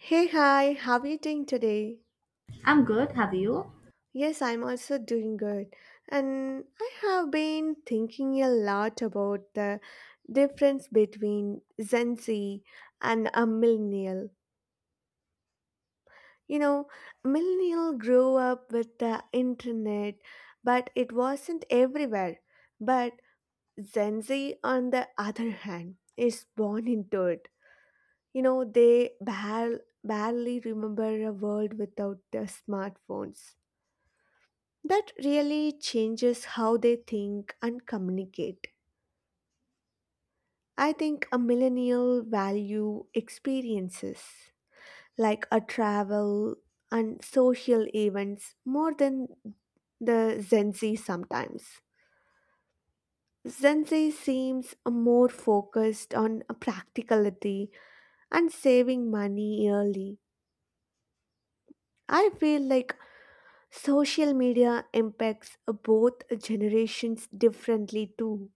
Hey, hi, how are you doing today? I'm good. Have you? Yes, I'm also doing good. And I have been thinking a lot about the difference between Gen Z and a millennial. You know, Millennial grew up with the internet, but it wasn't everywhere. But Gen Z, on the other hand, is born into it. They barely remember a world without their smartphones. That really changes how they think and communicate. I think a millennial value experiences like a travel and social events more than the Gen Z sometimes. Gen Z seems more focused on practicality and saving money early. I feel like social media impacts both generations differently too.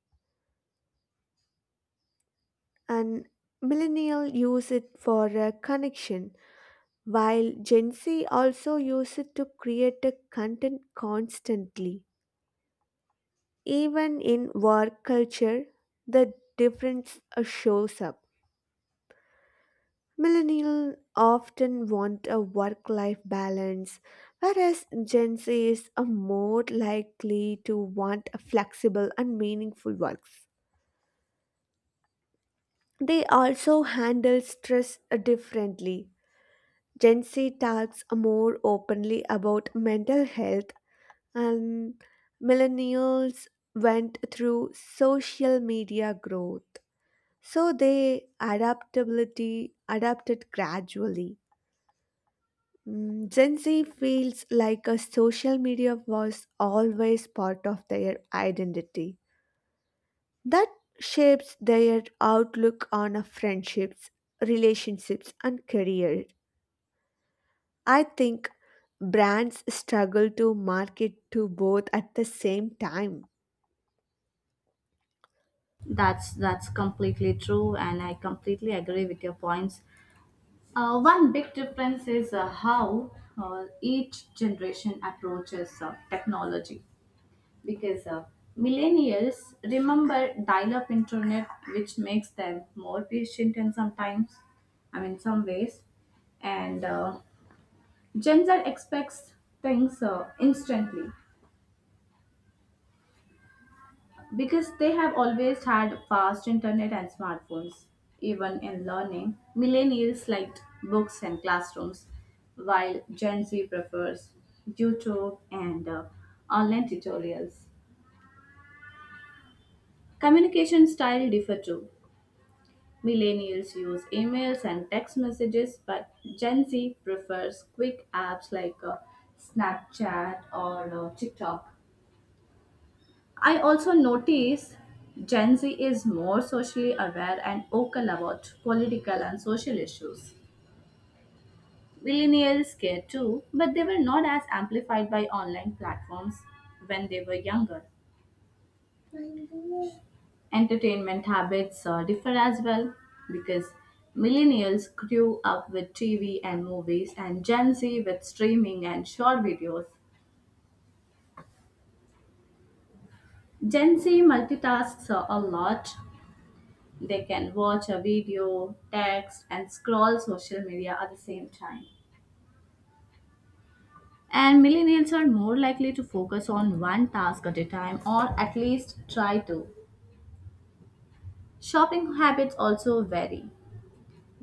And millennial use it for a connection while gen z also use it to create a content constantly. Even in work culture, the difference shows up. Millennials often want a work life balance, whereas gen z is a more likely to want a flexible and meaningful works. They also handle stress differently. Gen Z talks more openly about mental health, and millennials went through social media growth. So they adaptability adapted gradually. Gen Z feels like a social media was always part of their identity. That shapes their outlook on a friendships, relationships, and career. I think brands struggle to market to both at the same time. That's completely true, and I completely agree with your points. One big difference is how each generation approaches technology, because millennials remember dial-up internet, which makes them more patient and sometimes, I mean, some ways, and Gen Z expects things instantly because they have always had fast internet and smartphones. Even in learning, millennials liked books and classrooms, while Gen Z prefers YouTube and online tutorials. Communication style differ too. Millennials use emails and text messages, but Gen Z prefers quick apps like Snapchat or TikTok. I also notice Gen Z is more socially aware and vocal about political and social issues. Millennials care too, but they were not as amplified by online platforms when they were younger. Entertainment habits differ as well because millennials grew up with TV and movies, and Gen Z with streaming and short videos. Gen Z multitasks a lot. They can watch a video, text, and scroll social media at the same time. And millennials are more likely to focus on one task at a time or at least try to. Shopping habits also vary.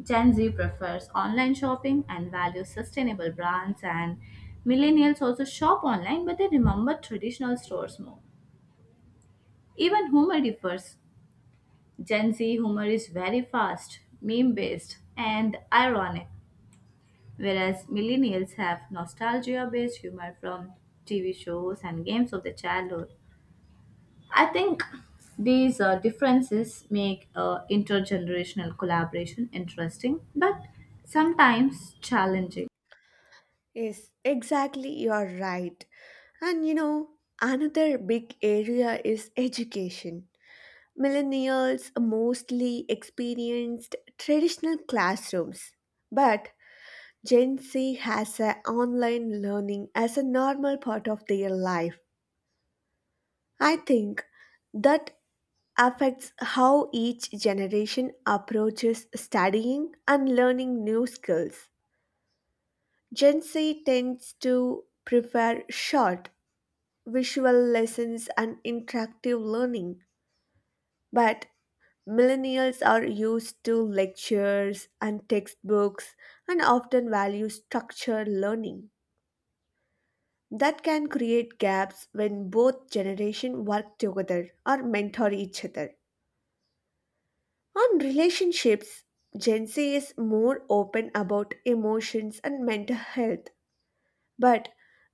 Gen Z prefers online shopping and values sustainable brands, and millennials also shop online but they remember traditional stores more. Even humor differs. Gen Z humor is very fast, meme based, and ironic, whereas millennials have nostalgia based humor from TV shows and games of their childhood. I think these differences make intergenerational collaboration interesting but sometimes challenging. Yes, exactly, you are right. And another big area is education. Millennials mostly experienced traditional classrooms, but Gen Z has a online learning as a normal part of their life. I think that affects how each generation approaches studying and learning new skills. Gen Z tends to prefer short, visual lessons and interactive learning, but millennials are used to lectures and textbooks and often value structured learning. That can create gaps when both generations work together or mentor each other. On relationships, Gen Z is more open about emotions and mental health, but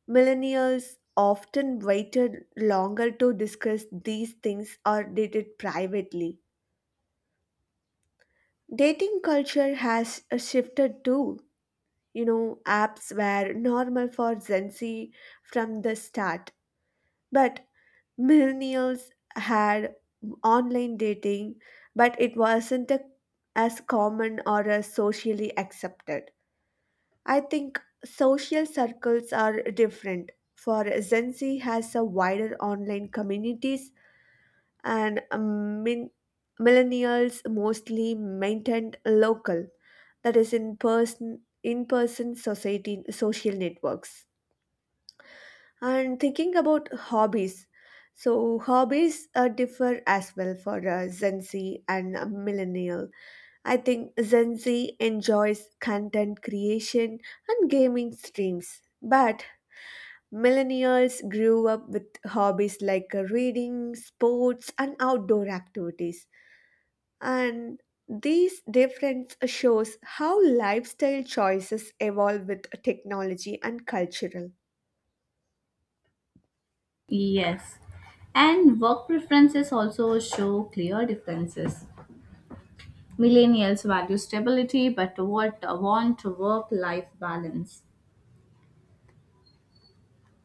millennials often waited longer to discuss these things or did it privately. Dating culture has shifted too. Apps were normal for Gen Z from the start, but millennials had online dating, but it wasn't as common or as socially accepted. I think social circles are different. For Gen Z has a wider online communities, and millennials mostly maintained local, that is in person society social networks. And thinking about hobbies. So hobbies differ as well for Gen Z and millennials. I think Gen Z enjoys content creation and gaming streams, but millennials grew up with hobbies like reading, sports, and outdoor activities. And these difference shows how lifestyle choices evolve with technology and cultural. Yes. And work preferences also show clear differences. Millennials value stability but what want to work life balance.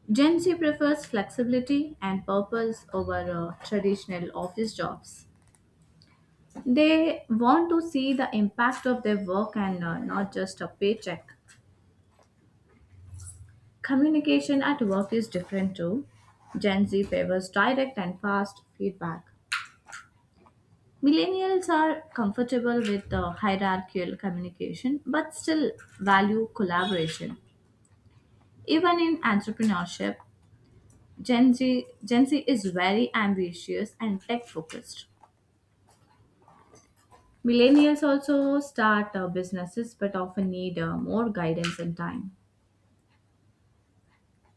Gen Z prefers flexibility and purpose over traditional office jobs. They want to see the impact of their work and not just a paycheck. Communication at work is different too. Gen Z favors direct and fast feedback. Millennials are comfortable with hierarchical communication but still value collaboration. Even in entrepreneurship, Gen Z is very ambitious and tech focused. Millennials also start businesses but often need more guidance and time.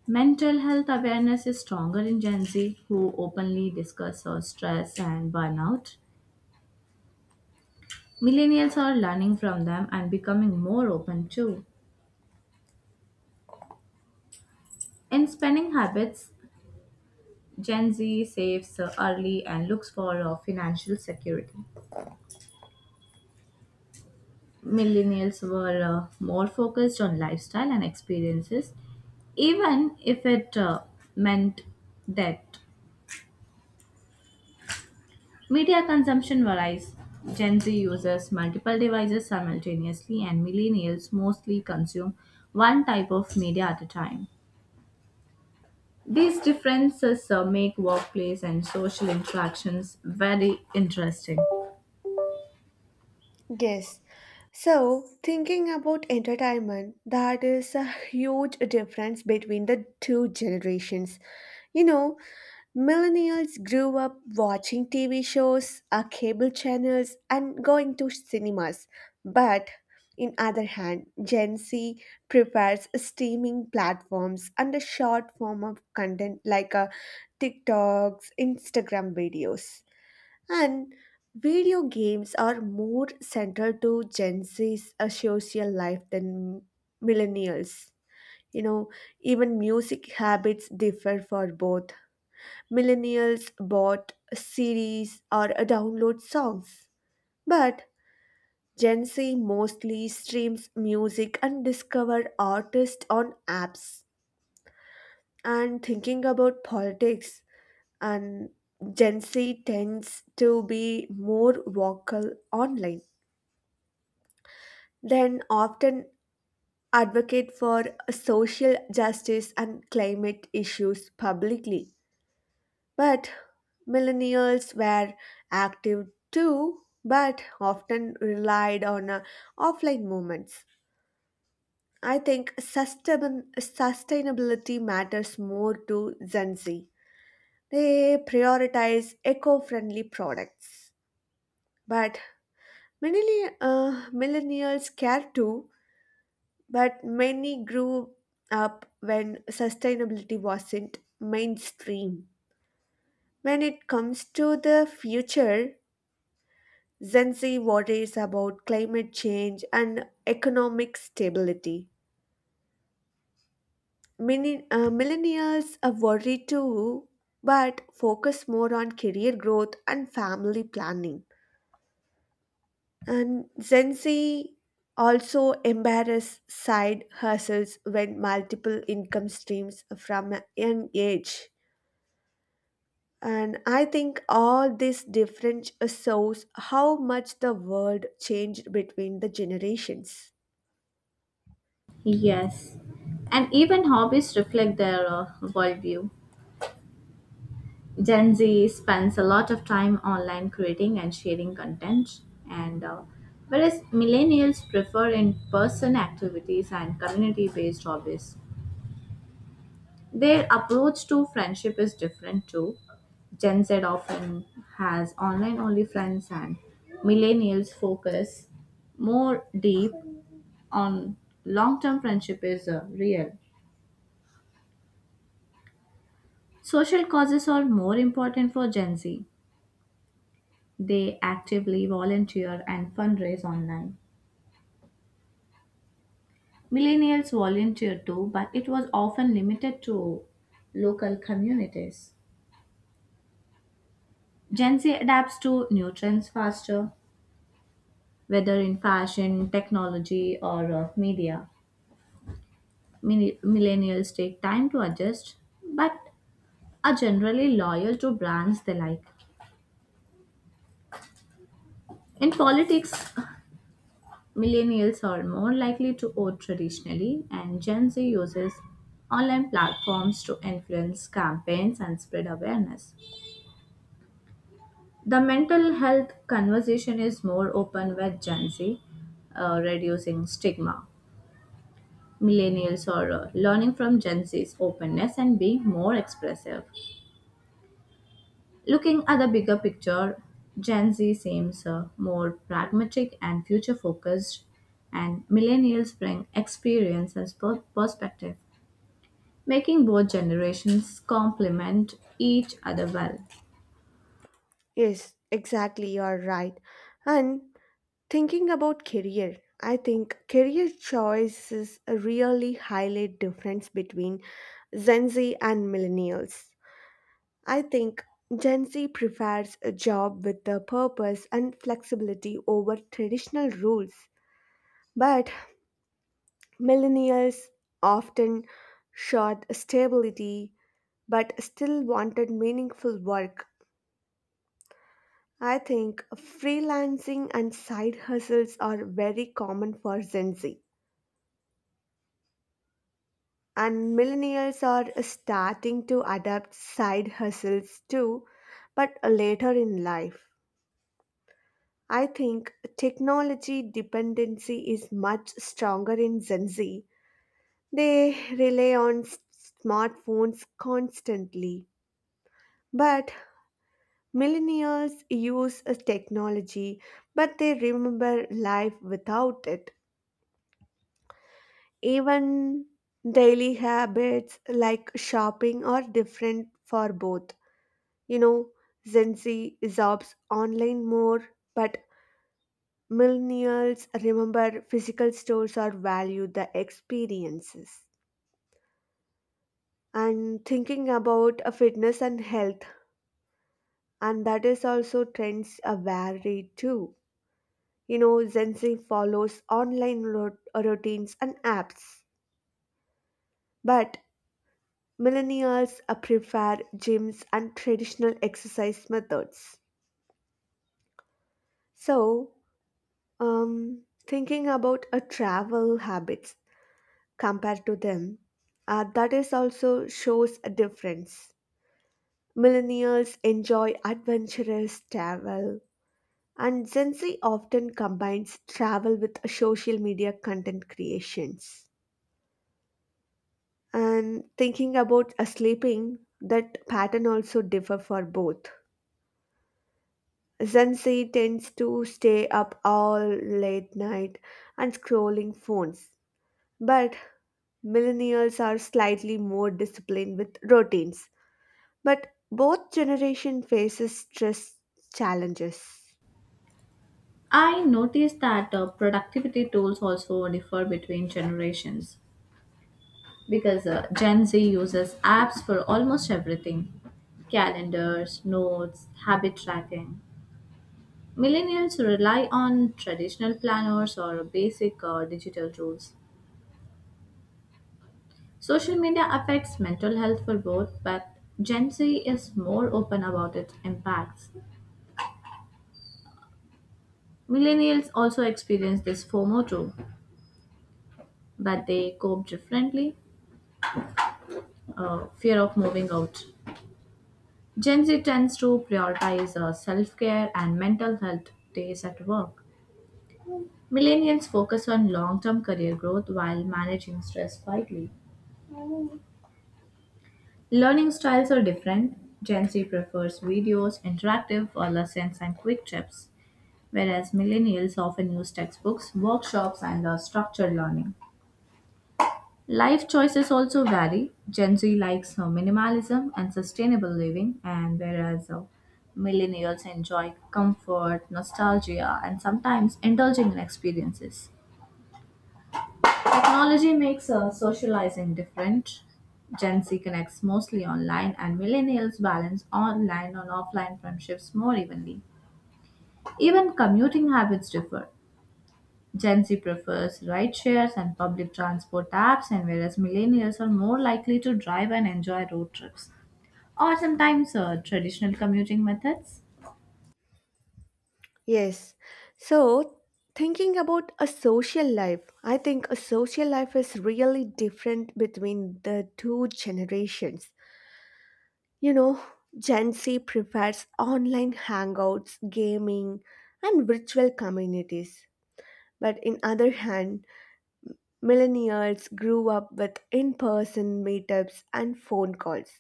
Mental health awareness is stronger in Gen Z, who openly discuss stress and burnout. Millennials are learning from them and becoming more open too. In spending habits, Gen Z saves early and looks for financial security. Millennials were more focused on lifestyle and experiences, even if it meant that. Media consumption varies. Gen Z uses multiple devices simultaneously, and millennials mostly consume one type of media at a time. These differences make workplace and social interactions very interesting. Yes. So, thinking about entertainment, that is a huge difference between the two generations. You know, Millennials grew up watching TV shows, cable channels, and going to cinemas. But in other hand, Gen Z prefers streaming platforms and a short form of content like TikToks, Instagram videos, and video games are more central to Gen Z's social life than millennials. You know, even music habits differ for both. Millennials bought series or download songs, but Gen Z mostly streams music and discover artists on apps. And thinking about politics, and Gen Z tends to be more vocal online, then often advocate for social justice and climate issues publicly. But millennials were active too, but often relied on offline movements. I think sustainability matters more to Gen Z. They prioritize eco friendly products. But many millennials care too, but many grew up when sustainability wasn't mainstream. When it comes to the future, Gen Z worries about climate change and economic stability. Millennials are worried too, but focus more on career growth and family planning. And Gen Z also embarrass side hustles when multiple income streams from a young age. And I think all this difference shows how much the world changed between the generations. Yes, and even hobbies reflect their worldview. Gen Z spends a lot of time online creating and sharing content, and whereas millennials prefer in person activities and community based hobbies. Their approach to friendship is different too. Gen Z often has online only friends, and millennials focus more deep on long term friendship is real. Social causes are more important for Gen Z. They actively volunteer and fundraise online. Millennials volunteer too, but it was often limited to local communities. Gen Z adapts to new trends faster, whether in fashion, technology, or media. Millennials take time to adjust, but are generally loyal to brands they like. In politics, millennials are more likely to vote traditionally, and Gen Z uses online platforms to influence campaigns and spread awareness. The mental health conversation is more open with Gen Z, reducing stigma. Millennials are learning from Gen Z's openness and being more expressive. Looking at the bigger picture, Gen Z seems more pragmatic and future focused, and millennials bring experience and perspective, making both generations complement each other well. Yes, exactly, you are right. And thinking about career, I think career choices really highlight difference between Gen Z and millennials. I think Gen Z prefers a job with a purpose and flexibility over traditional rules, but millennials often sought stability but still wanted meaningful work. I think freelancing and side hustles are very common for Gen Z, and millennials are starting to adapt side hustles too, but later in life. I think technology dependency is much stronger in Gen Z. They rely on smartphones constantly. But millennials use a technology, but they remember life without it. Even daily habits like shopping are different for both. You know, Gen Z absorbs online more, but millennials remember physical stores or value the experiences. And thinking about fitness and health, and that is also trends vary too. Gen Z follows online routines and apps, but Millennials prefer gyms and traditional exercise methods. So, thinking about a travel habits compared to them, that is also shows a difference. Millennials enjoy adventurous travel, and Gen Z often combines travel with social media content creations. And thinking about a sleeping, that pattern also differ for both. Zenzi tends to stay up all late night and scrolling phones. But millennials are slightly more disciplined with routines. But both generation faces stress challenges. I noticed that productivity tools also differ between generations, because Gen Z uses apps for almost everything: calendars, notes, habit tracking. Millennials rely on traditional planners or basic digital tools. Social media affects mental health for both, but Gen Z is more open about its impacts. Millennials also experience this FOMO too, but they cope differently, fear of moving out. Gen Z tends to prioritize self care and mental health days at work. Millennials focus on long term career growth while managing stress quietly. Learning styles are different. Gen Z prefers videos, interactive or lessons, and quick tips, whereas millennials often use textbooks, workshops, and structured learning. Life choices also vary. Gen Z likes minimalism and sustainable living, and whereas millennials enjoy comfort, nostalgia, and sometimes indulging in experiences. Technology makes socializing different. Gen Z connects mostly online, and millennials balance online and offline friendships more evenly. Even commuting habits differ. Gen Z prefers ride shares and public transport apps, and whereas millennials are more likely to drive and enjoy road trips or sometimes traditional commuting methods. Yes. So thinking about a social life, I think a social life is really different between the two generations. You know, Gen Z prefers online hangouts, gaming, and virtual communities. But in other hand, millennials grew up with in-person meetups and phone calls.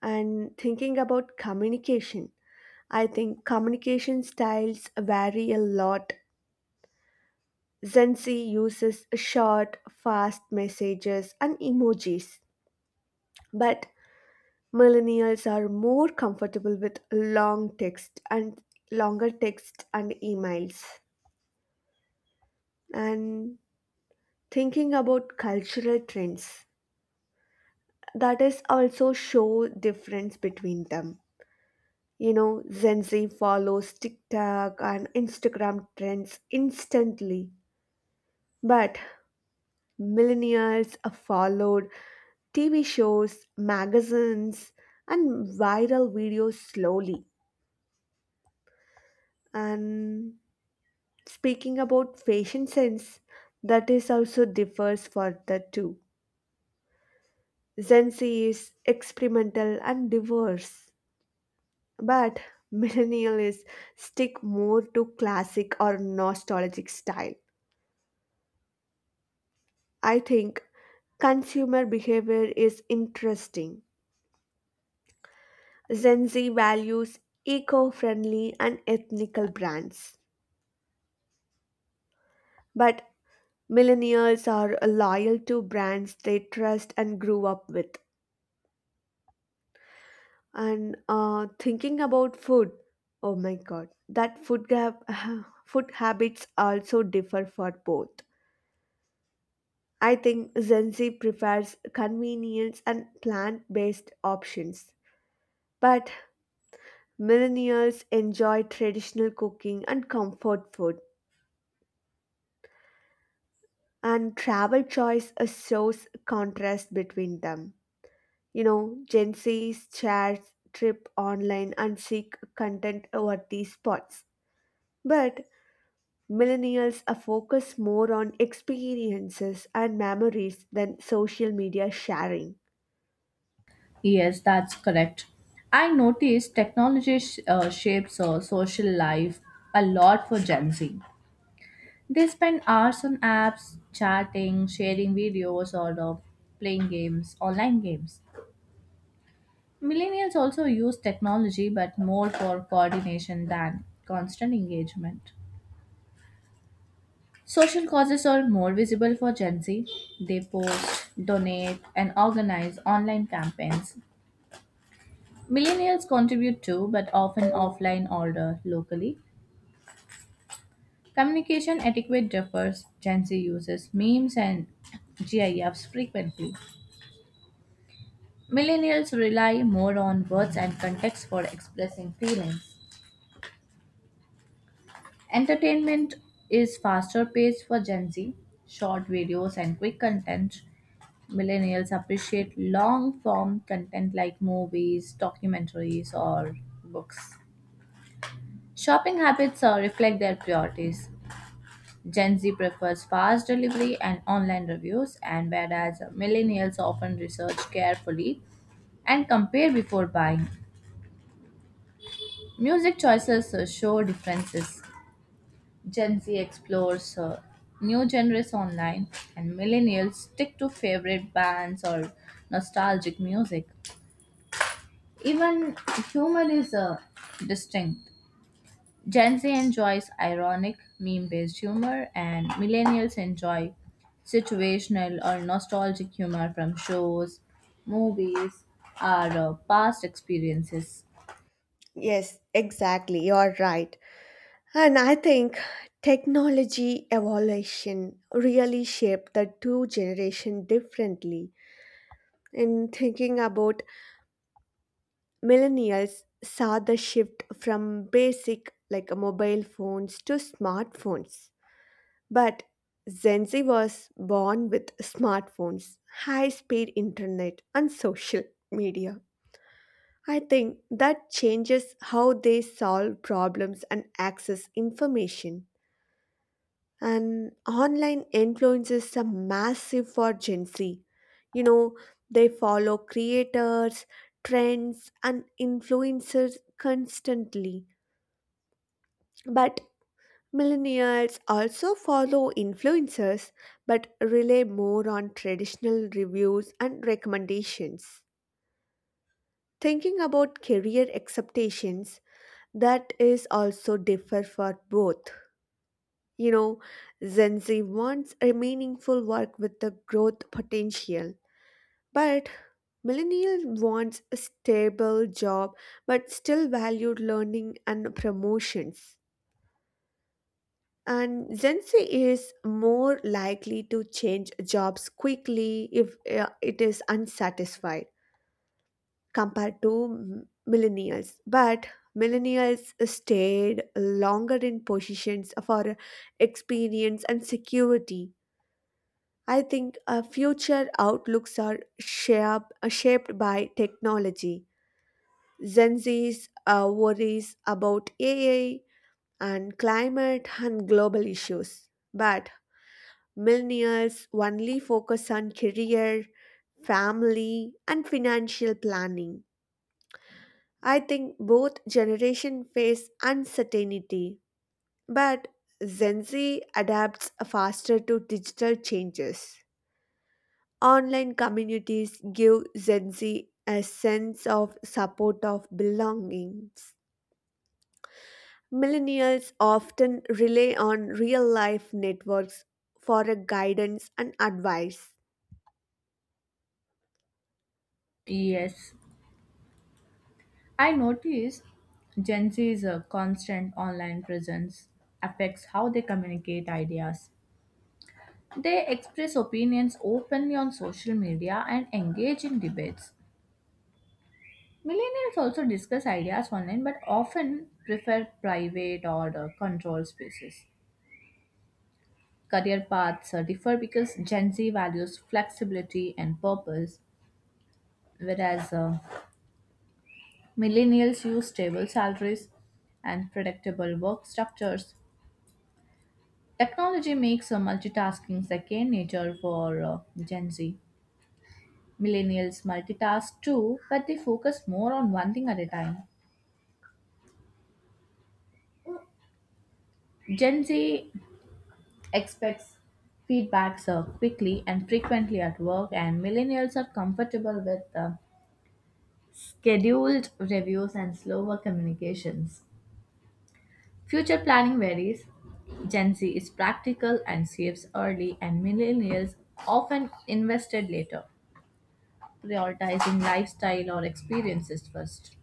And thinking about communication, I think communication styles vary a lot. Gen Z uses short, fast messages and emojis, but Millennials are more comfortable with long text and longer text and emails. And thinking about cultural trends, that is also show difference between them. Gen Z follows TikTok and Instagram trends instantly, but millennials are followed TV shows, magazines, and viral videos slowly. And Speaking about fashion sense, that is also differs for the two. Gen Z is experimental and diverse, but millennial is stick more to classic or nostalgic style. I think consumer behavior is interesting. Gen Z values eco-friendly and ethnical brands, but millennials are loyal to brands they trust and grew up with. And thinking about food, oh my God, that food gap, food habits also differ for both. I think Gen Z prefers convenience and plant-based options, but millennials enjoy traditional cooking and comfort food. And travel choice shows contrast between them. Gen Z's shares trip online and seek content over these spots. But Millennials are focused more on experiences and memories than social media sharing. Yes, that's correct. I noticed technology shapes social life a lot for Gen Z. They spend hours on apps, chatting, sharing videos, or playing games, online games. Millennials also use technology but more for coordination than constant engagement. Social causes are more visible for Gen Z. They post, donate, and organize online campaigns. Millennials contribute too, but often offline or locally. Communication etiquette differs. Gen Z uses memes and GIFs frequently. Millennials rely more on words and context for expressing feelings. Entertainment is faster paced for Gen Z, short videos and quick content. Millennials appreciate long form content like movies, documentaries, or books. Shopping habits reflect their priorities. Gen Z prefers fast delivery and online reviews, and whereas millennials often research carefully and compare before buying. Music choices show differences. Gen Z explores new genres online, and millennials stick to favorite bands or nostalgic music. Even humor is distinct. Gen Z enjoys ironic, meme based humor, and millennials enjoy situational or nostalgic humor from shows, movies, or past experiences. Yes, exactly. You're right. And I think technology evolution really shaped the two generation differently. In thinking about millennials saw the shift from basic like mobile phones to smartphones. But Gen Z was born with smartphones, high speed internet, and social media. I think that changes how they solve problems and access information. And online influences are massive for Gen Z. You know, they follow creators, trends, and influencers constantly. But Millennials also follow influencers but rely more on traditional reviews and recommendations. Thinking about career expectations that is also differ for both. You know, Gen Z wants a meaningful work with the growth potential, but millennial wants a stable job but still valued learning and promotions. And Gen Z is more likely to change jobs quickly if it is unsatisfied compared to millennials. But millennials stayed longer in positions for experience and security. I think future outlooks are shaped by technology. Gen Z's worries about AI and climate and global issues. But Millionaires only focus on career, family, and financial planning. I think both generations face uncertainty, but Gen Z adapts faster to digital changes. Online communities give Gen Z a sense of support of belongings. Millennials often rely on real life networks for a guidance and advice. Yes. I notice Gen Z's constant online presence affects how they communicate ideas. They express opinions openly on social media and engage in debates. Millennials also discuss ideas online but often prefer private or controlled spaces. Career paths differ because Gen Z values flexibility and purpose, whereas millennials use stable salaries and predictable work structures. Technology makes multitasking second nature for Gen Z. Millennials multitask too, but they focus more on one thing at a time. Gen Z expects feedbacks quickly and frequently at work, and millennials are comfortable with scheduled reviews and slower communications. Future planning varies. Gen Z is practical and saves early, and millennials often invested later, prioritizing lifestyle or experiences first.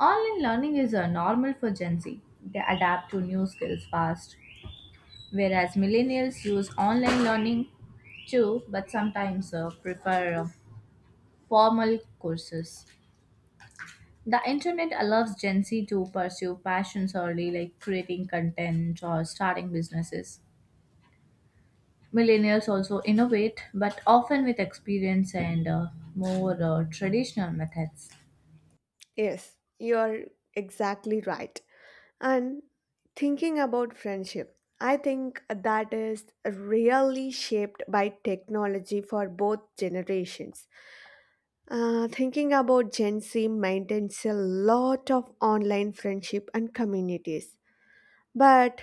Online learning is normal for Gen Z. They adapt to new skills fast, whereas millennials use online learning too, but sometimes prefer formal courses. The internet allows Gen Z to pursue passions early, like creating content or starting businesses. Millennials also innovate, but often with experience and more traditional methods. Yes, you are exactly right. And thinking about friendship, I think that is really shaped by technology for both generations. Thinking about Gen Z maintains a lot of online friendship and communities, but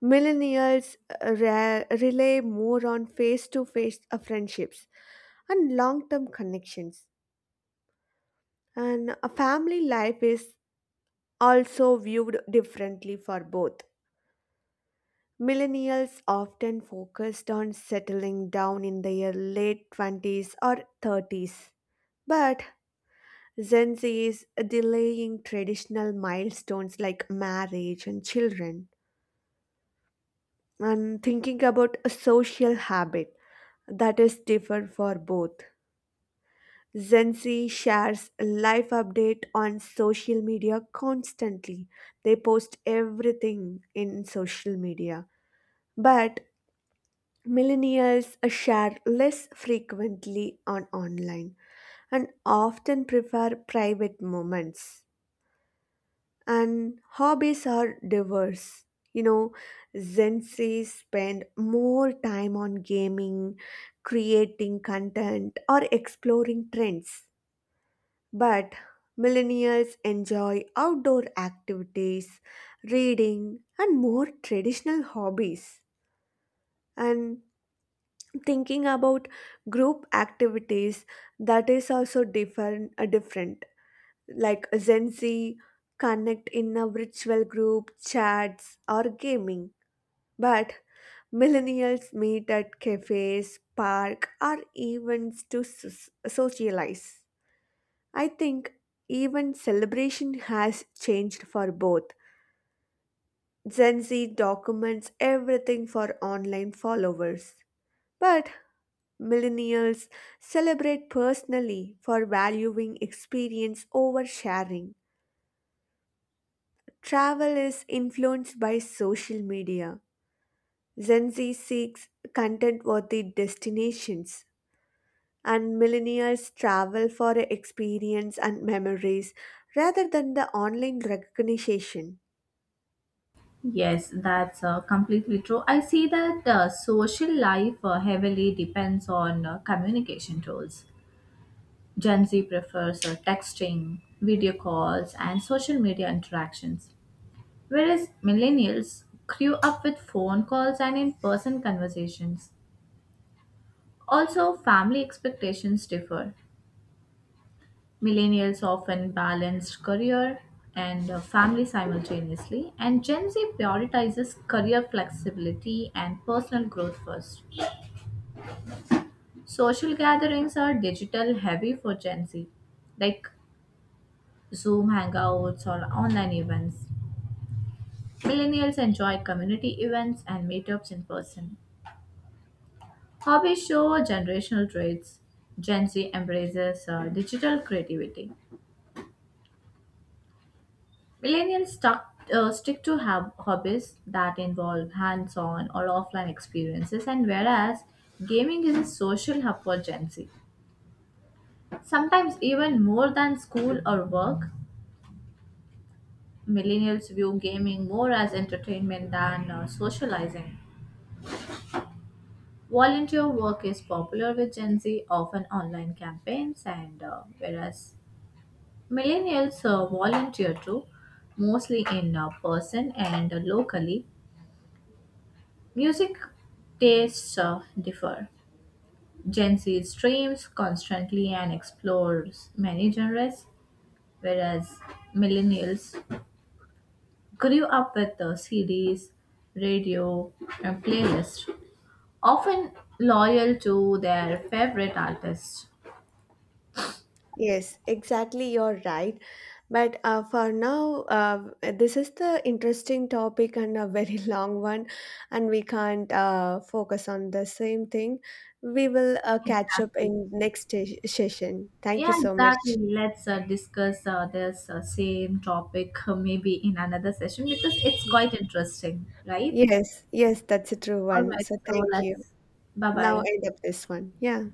millennials rely more on face to face friendships and long term connections. And a family life is also viewed differently for both. Millennials often focused on settling down in their late 20s or 30s, but Gen Z is delaying traditional milestones like marriage and children. And thinking about a social habit, that is different for both. Gen Z shares life update on social media constantly. They post everything in social media, but millennials share less frequently on online and often prefer private moments. And hobbies are diverse. you know Gen Z spend more time on gaming, creating content, or exploring trends, but millennials enjoy outdoor activities, reading, and more traditional hobbies. And thinking about group activities, that is also different. Like Gen Z connect in a virtual group chats or gaming, but millennials meet at cafes, park, or events to socialize. I think even celebration has changed for both. Gen Z documents everything for online followers, but Millennials celebrate personally for valuing experience over sharing. Travel is influenced by social media. Gen Z seeks content worthy destinations, and millennials travel for experience and memories rather than the online recognition. Yes, that's completely true. I see that social life heavily depends on communication tools. Gen Z prefers texting, video calls, and social media interactions, whereas millennials grew up with phone calls and in person conversations. Also, family expectations differ. Millennials often balance career and family simultaneously, and Gen Z prioritizes career flexibility and personal growth first. Social gatherings are digital heavy for Gen Z, like Zoom hangouts or online events. Millennials enjoy community events and meetups in person. Hobbies show generational traits. Gen Z embraces digital creativity. Millennials stick to hobbies that involve hands on or offline experiences, and whereas gaming is a social hub for Gen Z, sometimes even more than school or work. Millennials view gaming more as entertainment than socializing. Volunteer work is popular with Gen Z, often online campaigns, and whereas millennials volunteer too, mostly in person and locally. Music tastes differ. Gen Z streams constantly and explores many genres, whereas millennials grew up with CDs, radio, and playlists, often loyal to their favorite artists. Yes, exactly. You're right. But for now, this is the interesting topic and a very long one, and we can't focus on the same thing. We will catch up Exactly. in next session. Thank you Yeah, so much. exactly. Let's discuss this same topic maybe in another session because it's quite interesting, right? Yes, yes, that's a true All one. right, So so thank you. let's bye Now bye. end up this one. Yeah.